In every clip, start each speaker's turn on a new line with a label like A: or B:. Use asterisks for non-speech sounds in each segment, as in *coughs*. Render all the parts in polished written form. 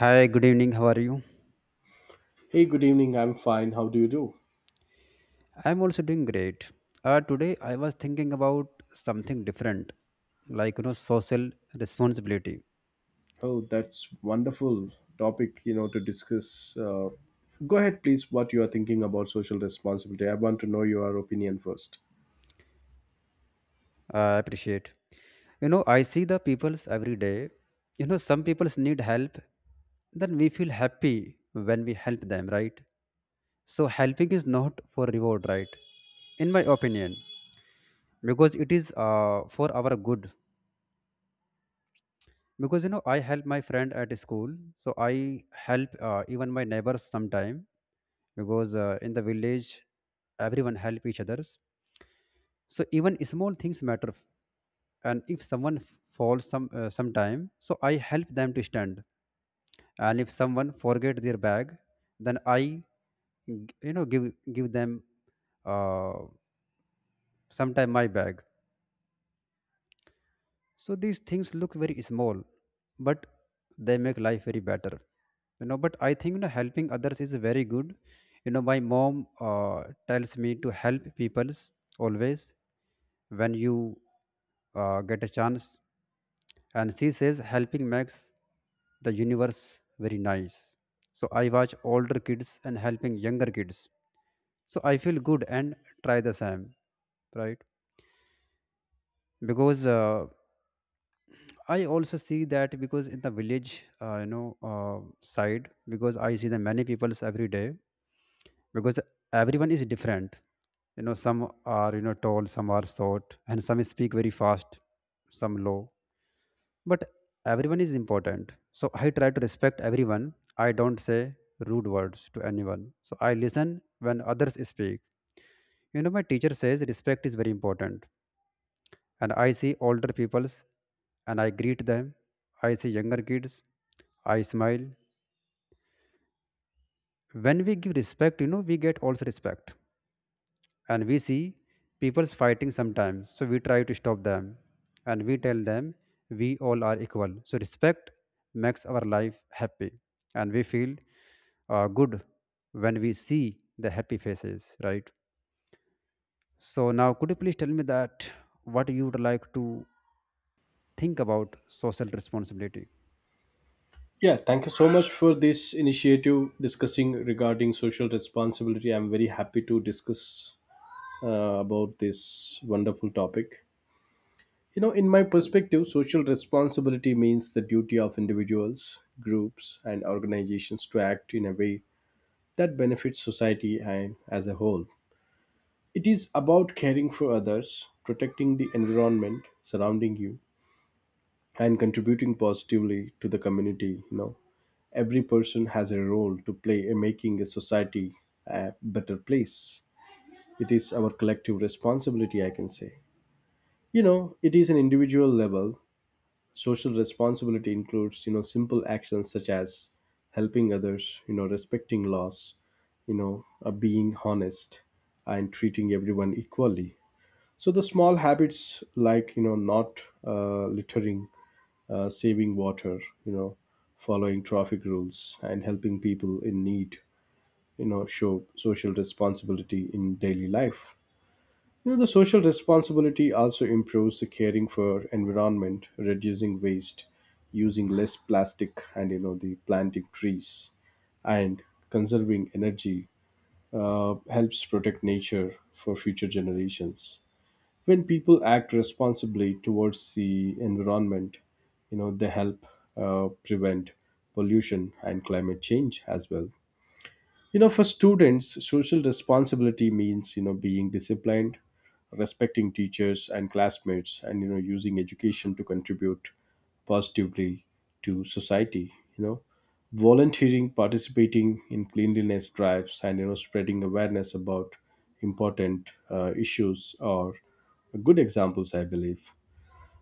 A: Hi, good evening. How are you?
B: Hey, good evening. I'm fine. How do you do?
A: I'm also doing great. Today I was thinking about something different, like you know, social responsibility.
B: Oh, that's wonderful topic, to discuss. Go ahead, please, what you are thinking about social responsibility. I want to know your opinion first.
A: I appreciate. You know, I see the peoples every day. You know, some peoples need help. Then we feel happy when we help them, right? So helping is not for reward, right? In my opinion, because it is for our good because you know I help my friend at school so I help even my neighbors sometime because in the village everyone help each others, so even small things matter. And if someone falls some sometime, so I help them to stand. And if someone forget their bag, then I you know give give them uh, sometime my bag. So these things look very small, but they make life very better. You know, but I think you know helping others is very good. You know, my mom tells me to help people's always when you get a chance, and she says helping makes the universe very nice. So I watch older kids and helping younger kids. So I feel good and try the same, right? Because I also see that because in the village, you know, side, because I see the many peoples every day, because everyone is different. You know, some are you know tall, some are short, and some speak very fast, some low. But everyone is important. So I try to respect everyone. I don't say rude words to anyone. So I listen when others speak. You know, my teacher says respect is very important, and I see older peoples and I greet them. I see younger kids, I smile. When we give respect, you know, we get also respect. And we see people's fighting sometimes, so we try to stop them and we tell them we all are equal. So respect makes our life happy and we feel good when we see the happy faces, right? So now could you please tell me that what you would like to think about social responsibility?
B: Yeah, thank you so much for this initiative discussing regarding social responsibility. I'm very happy to discuss about this wonderful topic. In my perspective, social responsibility means the duty of individuals, groups, and organizations to act in a way that benefits society and as a whole. It is about caring for others, protecting the environment surrounding you, and contributing positively to the community. Every person has a role to play in making a society a better place. It is our collective responsibility, I can say. It is an individual level social responsibility includes simple actions such as helping others, respecting laws, being honest, and treating everyone equally. So the small habits like not littering, saving water, following traffic rules, and helping people in need show social responsibility in daily life. The social responsibility also improves the caring for environment, reducing waste, using less plastic, and the planting trees, and conserving energy helps protect nature for future generations. When people act responsibly towards the environment, they help prevent pollution and climate change as well. For students, social responsibility means, being disciplined, respecting teachers and classmates, and, using education to contribute positively to society, volunteering, participating in cleanliness drives, and, spreading awareness about important issues are good examples, I believe.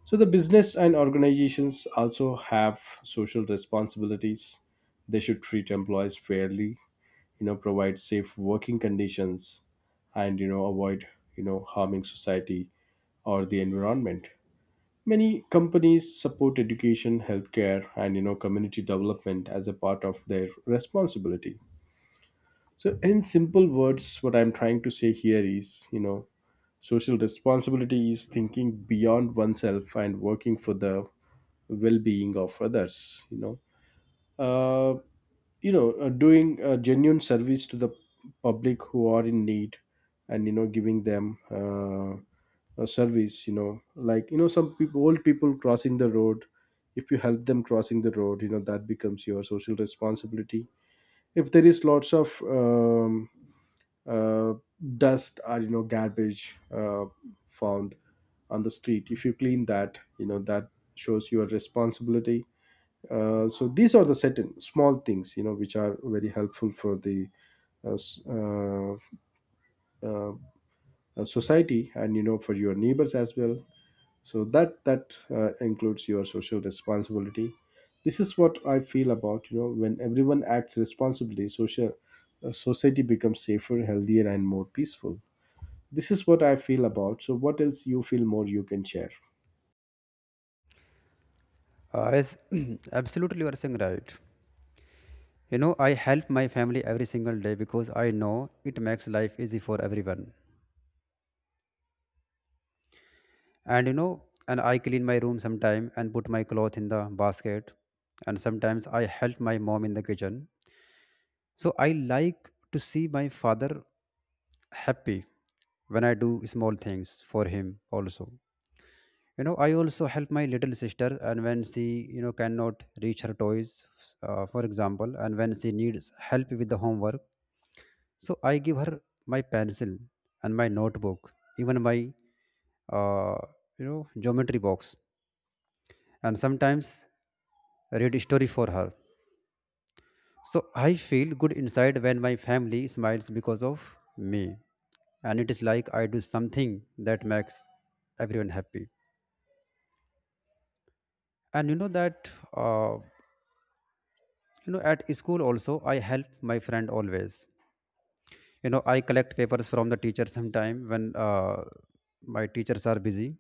B: So the business and organizations also have social responsibilities. They should treat employees fairly, provide safe working conditions, and avoid harming society or the environment. Many companies support education, healthcare, and community development as a part of their responsibility. So in simple words, what I'm trying to say here is, social responsibility is thinking beyond oneself and working for the well-being of others, you know uh, doing a genuine service to the public who are in need, and giving them a service, like some people, old people crossing the road. If you help them crossing the road, that becomes your social responsibility. If there is lots of uh, dust or garbage found on the street, if you clean that, that shows your responsibility. So these are the certain small things, which are very helpful for the uh, s- uh, uh, society and for your neighbors as well. So that includes your social responsibility. This is what I feel about, when everyone acts responsibly, social society becomes safer, healthier, and more peaceful. This is what I feel about. So what else you feel more you can share?
A: Yes, *clears throat* absolutely, you are saying right. You know, I help my family every single day because I know it makes life easy for everyone. And you know, and I clean my room sometime and put my clothes in the basket. And sometimes I help my mom in the kitchen. So I like to see my father happy when I do small things for him also. You know, I also help my little sister, and when she, you know, cannot reach her toys, for example, and when she needs help with the homework, so I give her my pencil and my notebook, even my uh, you know geometry box, and sometimes read story for her. So I feel good inside when my family smiles because of me, and it is like I do something that makes everyone happy. And you know that uh, you know at school also I help my friend always. You know I collect papers from the teacher sometime when my teachers are busy,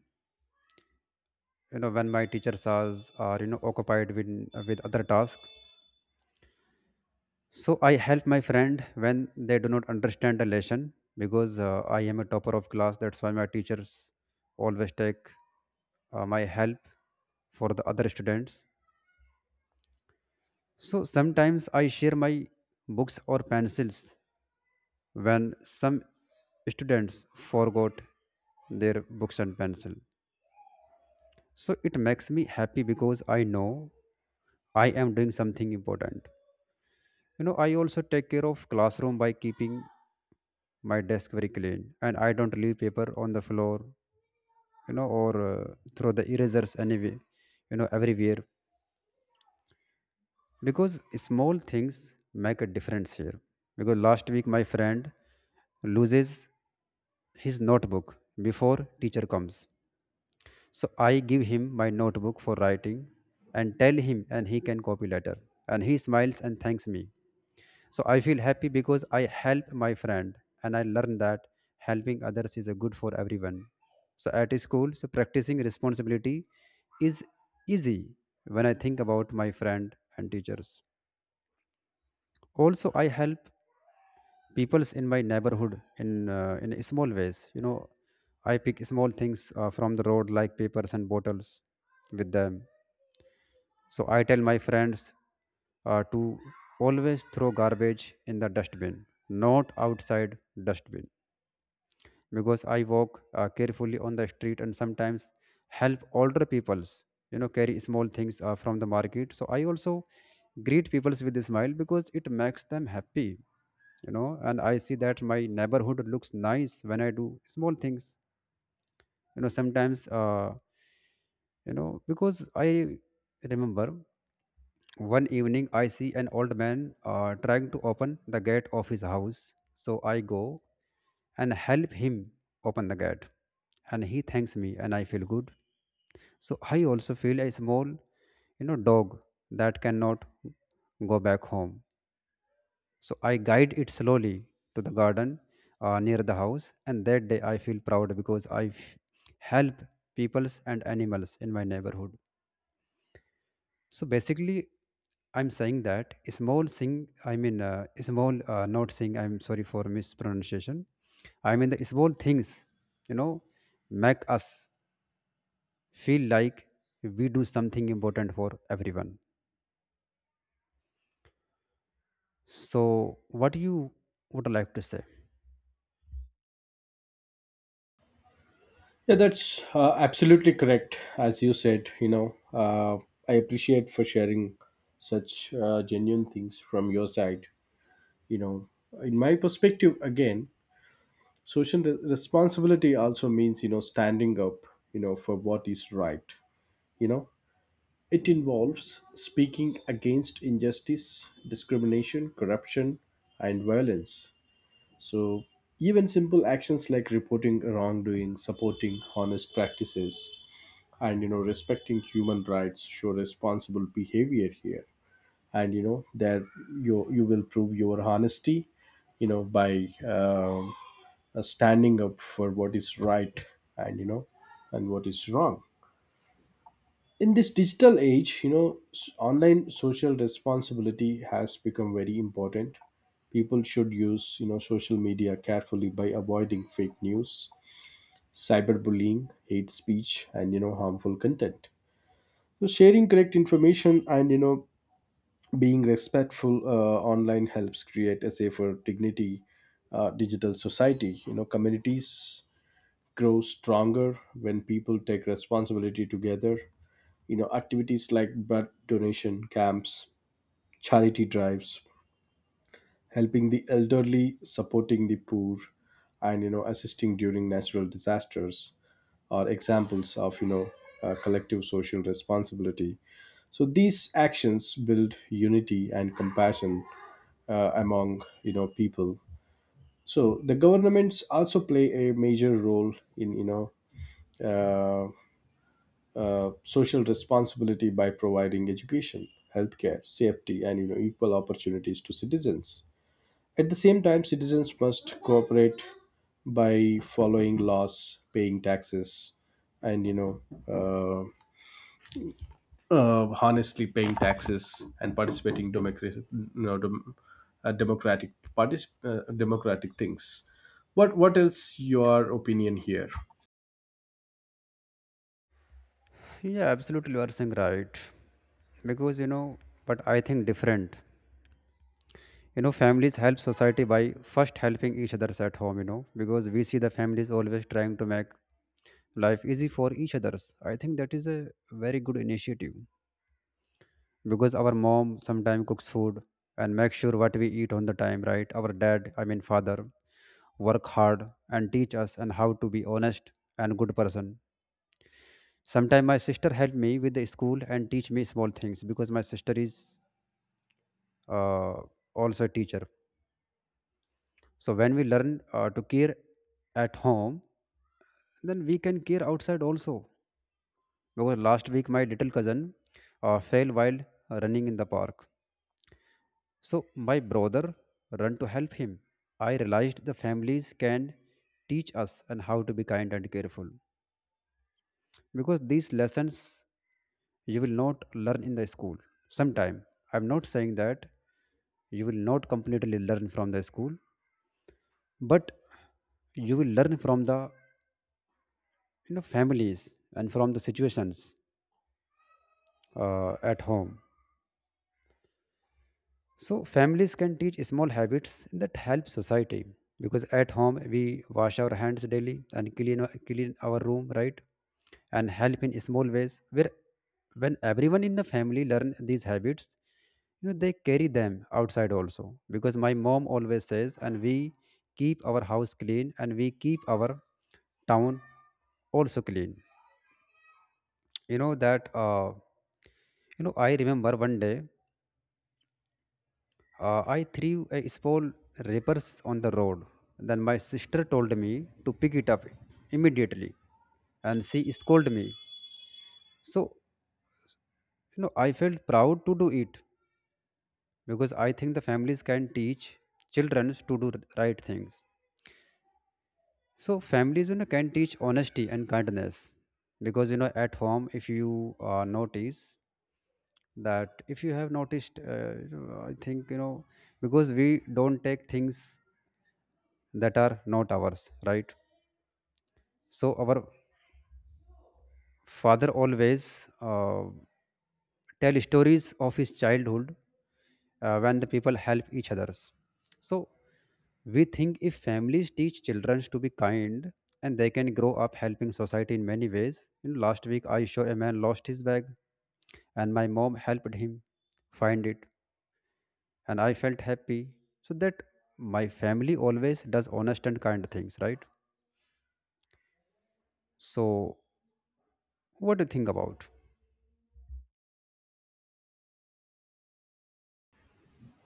A: you know, when my teachers are you know occupied with other tasks, so I help my friend when they do not understand the lesson because I am a topper of class, that's why my teachers always take my help for the other students. So sometimes I share my books or pencils when some students forgot their books and pencil. So it makes me happy because I know I am doing something important. You know I also take care of classroom by keeping my desk very clean, and I don't leave paper on the floor, you know, or throw the erasers anyway, you know, everywhere, because small things make a difference here. Because last week my friend loses his notebook before teacher comes, so I give him my notebook for writing and tell him and he can copy later, and he smiles and thanks me. So I feel happy because I help my friend and I learn that helping others is a good for everyone. So at school, so practicing responsibility is easy when I think about my friend and teachers. Also, I help peoples in my neighborhood in small ways. You know, I pick small things from the road like papers and bottles with them. So I tell my friends to always throw garbage in the dustbin, not outside dustbin, because I walk carefully on the street and sometimes help older people's you know carry small things from the market. So I also greet people's with a smile because it makes them happy, you know. And I see that my neighborhood looks nice when I do small things, you know. Sometimes, you know, because I remember one evening, I see an old man trying to open the gate of his house. So I go and help him open the gate. And he thanks me, and I feel good. So I also feel a small, you know, dog that cannot go back home. So I guide it slowly to the garden near the house. And that day, I feel proud because I help peoples and animals in my neighborhood. So basically, I'm saying that small thing, I mean, small, not thing, I'm sorry for mispronunciation. I mean, the small things, you know, make us feel like we do something important for everyone. So, what you would like to say?
B: Yeah, that's absolutely correct. As you said, I appreciate for sharing such genuine things from your side. You know, in my perspective, again, social responsibility also means, standing up, for what is right. You know, it involves speaking against injustice, discrimination, corruption, and violence. So, even simple actions like reporting wrongdoing, supporting honest practices, and respecting human rights show responsible behavior here. And that you will prove your honesty by standing up for what is right and you know and what is wrong. In this digital age, online social responsibility has become very important. People should use, social media carefully by avoiding fake news, cyberbullying, hate speech, and harmful content. So sharing correct information and being respectful online helps create a safer, dignity digital society. Communities grow stronger when people take responsibility together. Activities like blood donation camps, charity drives, helping the elderly, supporting the poor, and assisting during natural disasters are examples of collective social responsibility. So these actions build unity and compassion among people. So the governments also play a major role in social responsibility by providing education, healthcare, safety, and equal opportunities to citizens. At the same time, citizens must cooperate by following laws, paying taxes, and, honestly paying taxes and participating democratic, democratic democratic things. What else your opinion here?
A: Yeah, absolutely, you are saying right. Because, you know, but I think different. You know, families help society by first helping each other at home, you know, because we see the families always trying to make life easy for each others. I think that is a very good initiative because our mom sometimes cooks food and makes sure what we eat on the time, right? Our dad, I mean father, work hard and teach us and how to be honest and good person. Sometimes my sister help me with the school and teach me small things because my sister is uh, also a teacher. So when we learn to care at home, then we can care outside also. Because last week my little cousin fell while running in the park. So my brother ran to help him. I realized the families can teach us and how to be kind and careful because these lessons you will not learn in the school. Sometime I'm not saying that you will not completely learn from the school, but you will learn from the you know families and from the situations at home. So families can teach small habits that help society because at home we wash our hands daily and clean clean our room, right, and help in small ways where when everyone in the family learn these habits, you know they carry them outside also. Because my mom always says and we keep our house clean and we keep our town also clean. You know that you know I remember one day I threw a small wrappers on the road. Then my sister told me to pick it up immediately, and she scolded me. So you know I felt proud to do it because I think the families can teach children to do right things. So families you know can teach honesty and kindness because you know at home if you notice that if you have noticed you know, I think you know because we don't take things that are not ours, right? So our father always tell stories of his childhood when the people help each others. So we think if families teach children to be kind, and they can grow up helping society in many ways. You know, last week I saw a man lost his bag and my mom helped him find it, and I felt happy. So that my family always does honest and kind things, right? So what do you think about?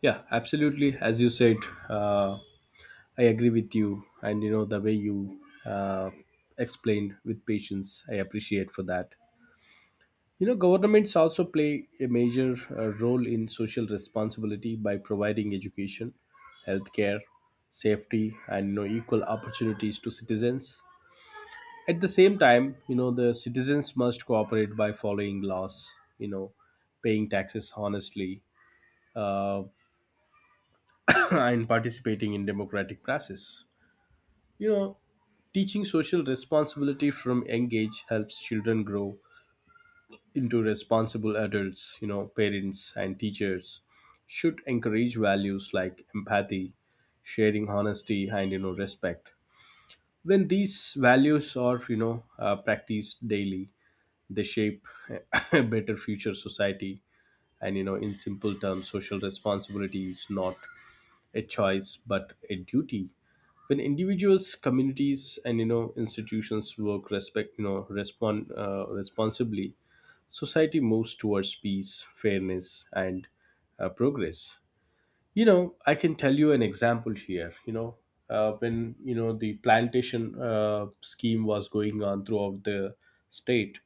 B: Yeah, absolutely. As you said, uh, I agree with you, and the way you uh, explained with patience, I appreciate for that. Governments also play a major role in social responsibility by providing education, healthcare, safety, and equal opportunities to citizens. At the same time, the citizens must cooperate by following laws, paying taxes honestly, uh, *coughs* *clears throat* and participating in democratic process. You know, Teaching social responsibility from young age helps children grow into responsible adults. Parents and teachers should encourage values like empathy, sharing honesty, and, respect. When these values are, practiced daily, they shape *laughs* a better future society. And, in simple terms, social responsibility is not a choice but a duty. When individuals, communities, and institutions work, respect, respond responsibly, society moves towards peace, fairness, and progress. I can tell you an example here. When the plantation scheme was going on throughout the state,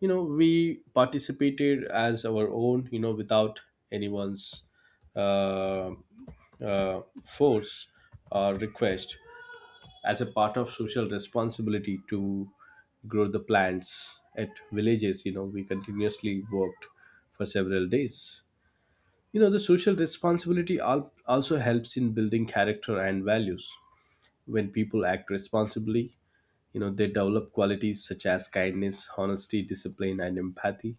B: we participated as our own, without anyone's uh, force or request, as a part of social responsibility to grow the plants at villages. We continuously worked for several days. The social responsibility also helps in building character and values. When people act responsibly, they develop qualities such as kindness, honesty, discipline, and empathy.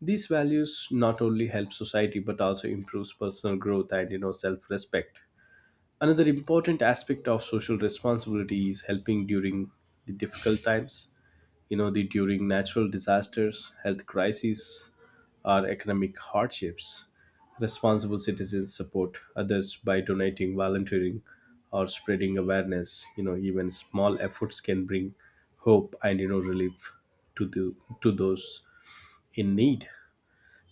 B: These values not only help society but also improves personal growth and self-respect. Another important aspect of social responsibility is helping during the difficult times. The during natural disasters, health crises, or economic hardships. Responsible citizens support others by donating, volunteering, or spreading awareness. Even small efforts can bring hope and relief to the to those in need.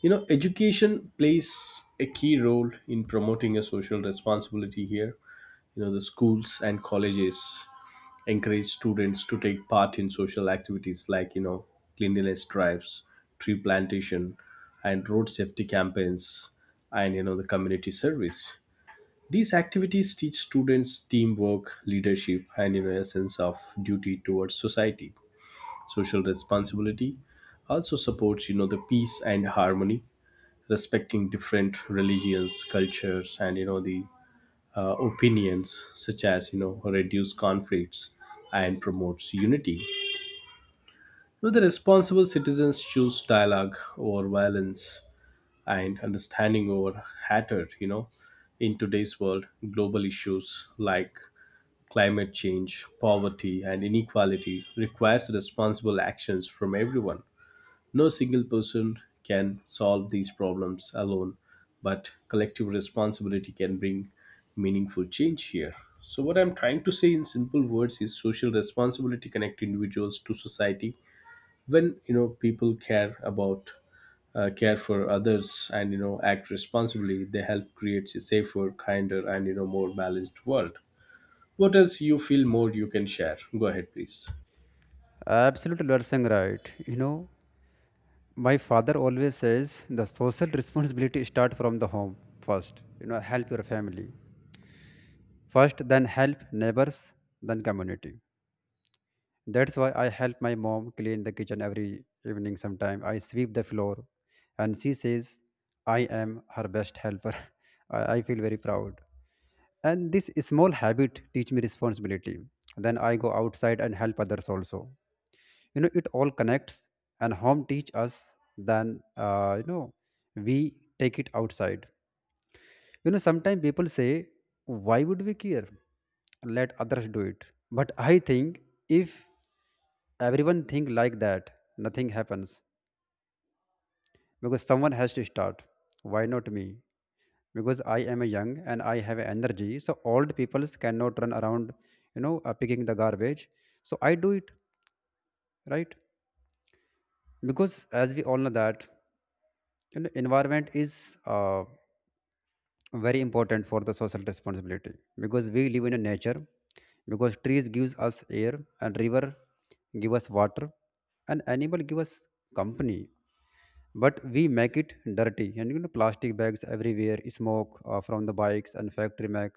B: Education plays a key role in promoting a social responsibility here. The schools and colleges encourage students to take part in social activities like, cleanliness drives, tree plantation, and road safety campaigns, and, the community service. These activities teach students teamwork, leadership, and, a sense of duty towards society. Social responsibility also supports, the peace and harmony, respecting different religions, cultures, and the opinions, such as, reduce conflicts and promotes unity. The responsible citizens choose dialogue over violence and understanding over hatred. In today's world, global issues like climate change, poverty, and inequality requires responsible actions from everyone. No single person can solve these problems alone, but collective responsibility can bring meaningful change here. So, what I'm trying to say in simple words is social responsibility connect individuals to society. When people care about care for others and act responsibly, they help create a safer, kinder, and more balanced world. What else you feel more you can share? Go ahead, please.
A: Absolutely, you are saying right. You know, my father always says the social responsibility start from the home first. You know, help your family first, then help neighbors, then community. That's why I help my mom clean the kitchen every evening. Sometime I sweep the floor, and she says I am her best helper. *laughs* I feel very proud. And this small habit teach me responsibility. Then I go outside and help others also. You know, it all connects and home teach us, then you know we take it outside. You know, sometimes people say, why would we care? Let others do it. But I think if everyone think like that, nothing happens because someone has to start. Why not me? Because I am a young and I have energy. So old people cannot run around, you know, picking the garbage. So I do it, right? Because as we all know that, you know, environment is very important for the social responsibility. Because we live in a nature, because trees gives us air and river give us water and animal give us company, but we make it dirty, and you know plastic bags everywhere, smoke from the bikes and factory make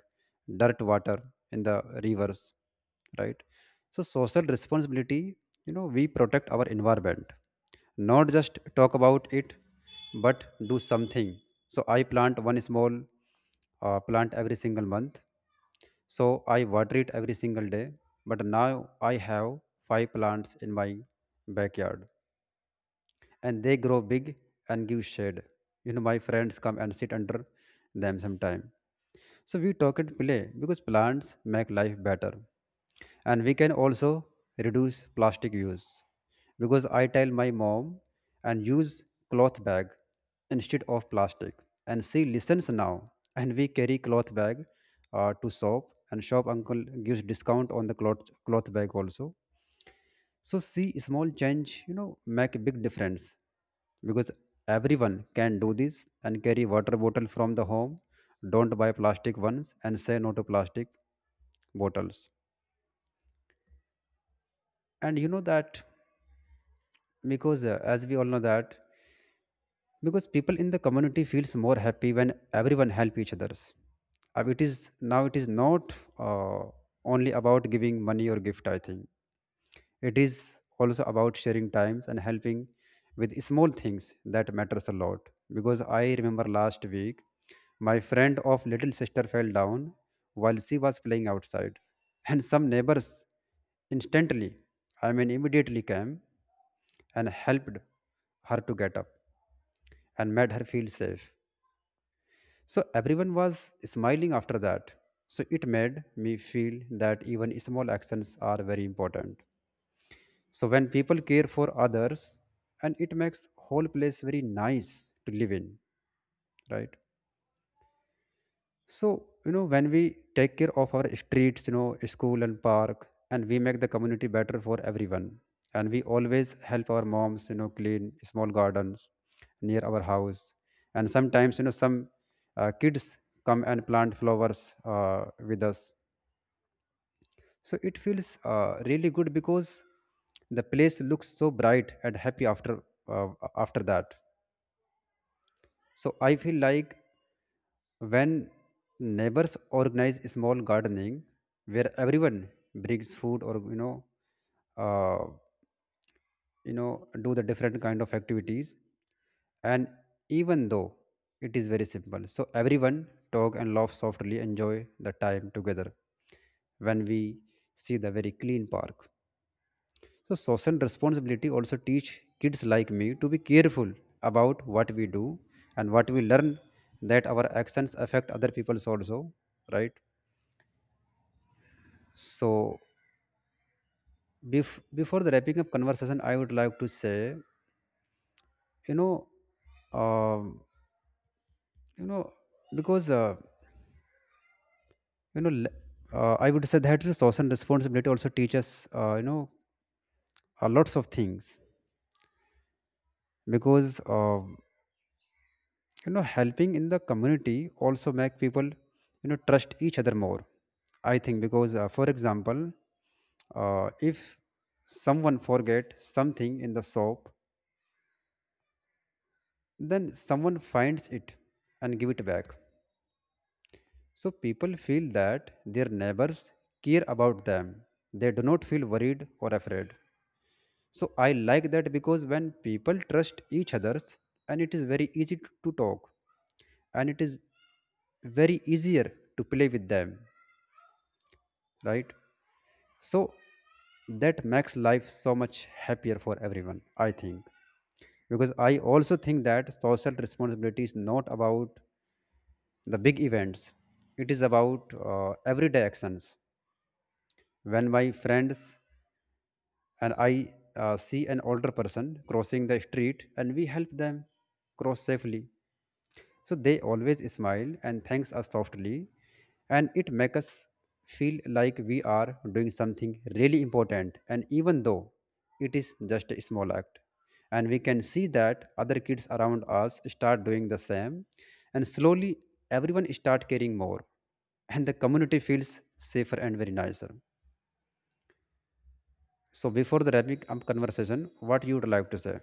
A: dirt water in the rivers, right? So social responsibility, you know, we protect our environment, not just talk about it but do something. So I plant one small plant every single month. So I water it every single day, but now I have five plants in my backyard, and they grow big and give shade. You know, my friends come and sit under them sometime. So we talk and play because plants make life better. And we can also reduce plastic use because I tell my mom and use cloth bag instead of plastic. And she listens now. And we carry cloth bag to shop, and shop uncle gives discount on the cloth bag also. So see, small change, you know, make a big difference, because everyone can do this and carry water bottle from the home. Don't buy plastic ones, and say no to plastic bottles. And you know that because as we all know that, because people in the community feels more happy when everyone help each others. It is now, it is not only about giving money or gift. I think it is also about sharing times and helping with small things that matters a lot. Because I remember last week, my friend of little sister fell down while she was playing outside, *laughs* and some neighbors instantly, I mean immediately came and helped her to get up and made her feel safe. So everyone was smiling after that. So it made me feel that even small actions are very important. So when people care for others, and it makes whole place very nice to live in, right? So you know, when we take care of our streets, you know, school and park, and we make the community better for everyone. And we always help our moms, you know, clean small gardens near our house. And sometimes, you know, some kids come and plant flowers with us. So it feels really good because the place looks so bright and happy after uh, after that. So I feel like when neighbors organize small gardening where everyone brings food, or you know, uh, you know, do the different kind of activities, and even though it is very simple, so everyone talk and laugh softly, enjoy the time together when we see the very clean park. So social responsibility also teach kids like me to be careful about what we do and what we learn, that our actions affect other people's also, right? So before the wrapping up conversation, I would like to say, you know, um, you know, because you know, le- I would say that social responsibility also teaches, you know, lots of things because. You know, helping in the community also make people, you know, trust each other more, I think. Because for example, if someone forget something in the shop, then someone finds it and give it back, so people feel that their neighbors care about them. They do not feel worried or afraid. So I like that, because when people trust each others, and it is very easy to talk, and it is very easier to play with them, right? So that makes life so much happier for everyone, I think. Because I also think that social responsibility is not about the big events, it is about everyday actions. When my friends and I see an older person crossing the street, and we help them cross safely. So they always smile and thanks us softly, and it makes us feel like we are doing something really important, and even though it is just a small act. And we can see that other kids around us start doing the same, and slowly everyone start caring more, and the community feels safer and very nicer. So before the wrapping up conversation, what you would like to say?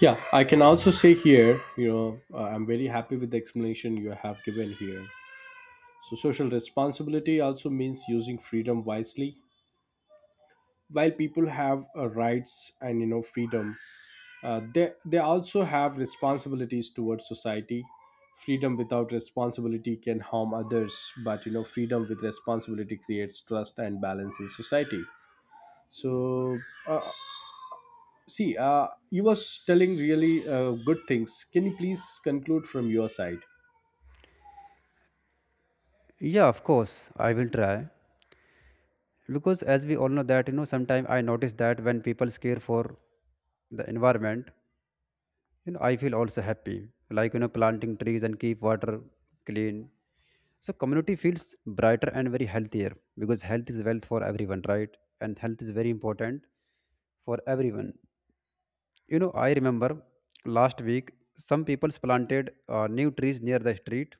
B: Yeah, I can also say here, I'm very happy with the explanation you have given here. So, social responsibility also means using freedom wisely. While people have rights and freedom, they also have responsibilities towards society. Freedom without responsibility can harm others, but, freedom with responsibility creates trust and balance in society. So, uh, see, you was telling really good things. Can you please conclude from your side?
A: Yeah, of course, I will try. Because as we all know that, you know, sometimes I notice that when people care for the environment, you know, I feel also happy, like, you know, planting trees and keep water clean, so community feels brighter and very healthier, because health is wealth for everyone, right? And health is very important for everyone. You know, I remember last week, some people planted new trees near the street,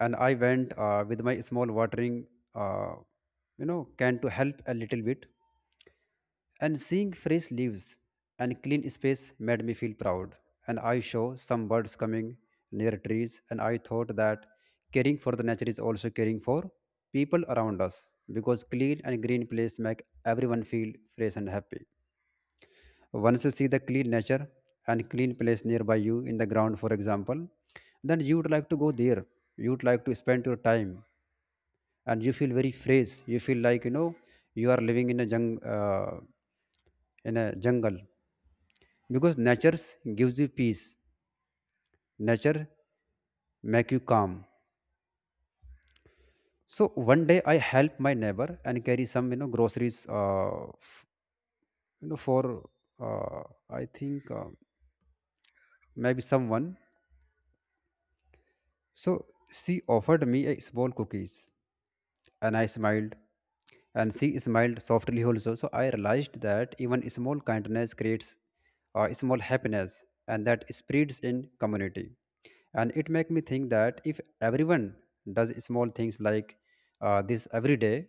A: and I went with my small watering uh, you know, can to help a little bit, and seeing fresh leaves and clean space made me feel proud. And I saw some birds coming near trees, and I thought that caring for the nature is also caring for people around us, because clean and green place make everyone feel fresh and happy. Once you see the clean nature and clean place nearby you in the ground, for example, then you would like to go there. You would like to spend your time, and you feel very fresh, you feel like, you know, you are living in a jung uh, in a jungle, because nature gives you peace, nature make you calm. So one day I help my neighbor and carry some, you know, groceries, f- you know for uh, I think maybe someone. So she offered me a small cookies. And I smiled. And she smiled softly also. So I realized that even small kindness creates small happiness, and that spreads in community. And it make me think that if everyone does small things like this every day,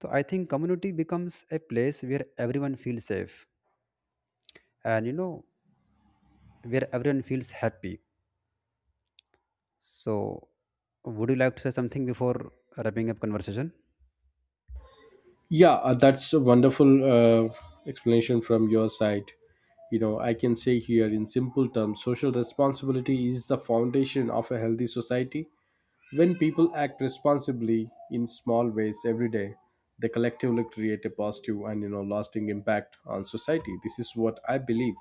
A: so I think community becomes a place where everyone feels safe, and you know, where everyone feels happy. So would you like to say something before wrapping up conversation?
B: Yeah, that's a wonderful explanation from your side. I can say here, in simple terms, social responsibility is the foundation of a healthy society. When people act responsibly in small ways every day, they collectively create a positive and lasting impact on society. This is what I believe.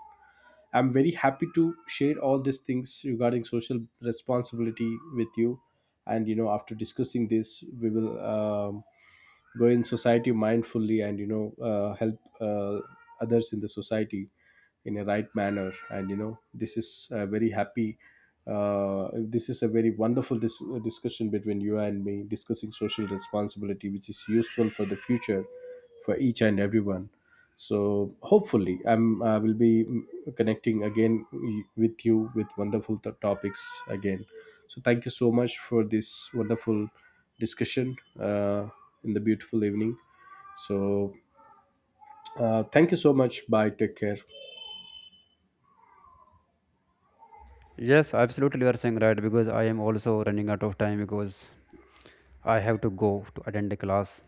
B: I'm very happy to share all these things regarding social responsibility with you. And, after discussing this, we will go in society mindfully and help others in the society in a right manner. And this is a very happy this is a very wonderful discussion between you and me discussing social responsibility, which is useful for the future for each and everyone. So hopefully, I will be connecting again with you with wonderful topics again. So thank you so much for this wonderful discussion in the beautiful evening. So, thank you so much. Bye, take care.
A: Yes, absolutely, you are saying right, because I am also running out of time because I have to go to attend a class.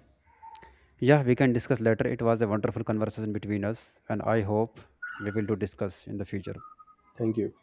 A: Yeah, we can discuss later. It was a wonderful conversation between us, and I hope we will to discuss in the future.
B: Thank you.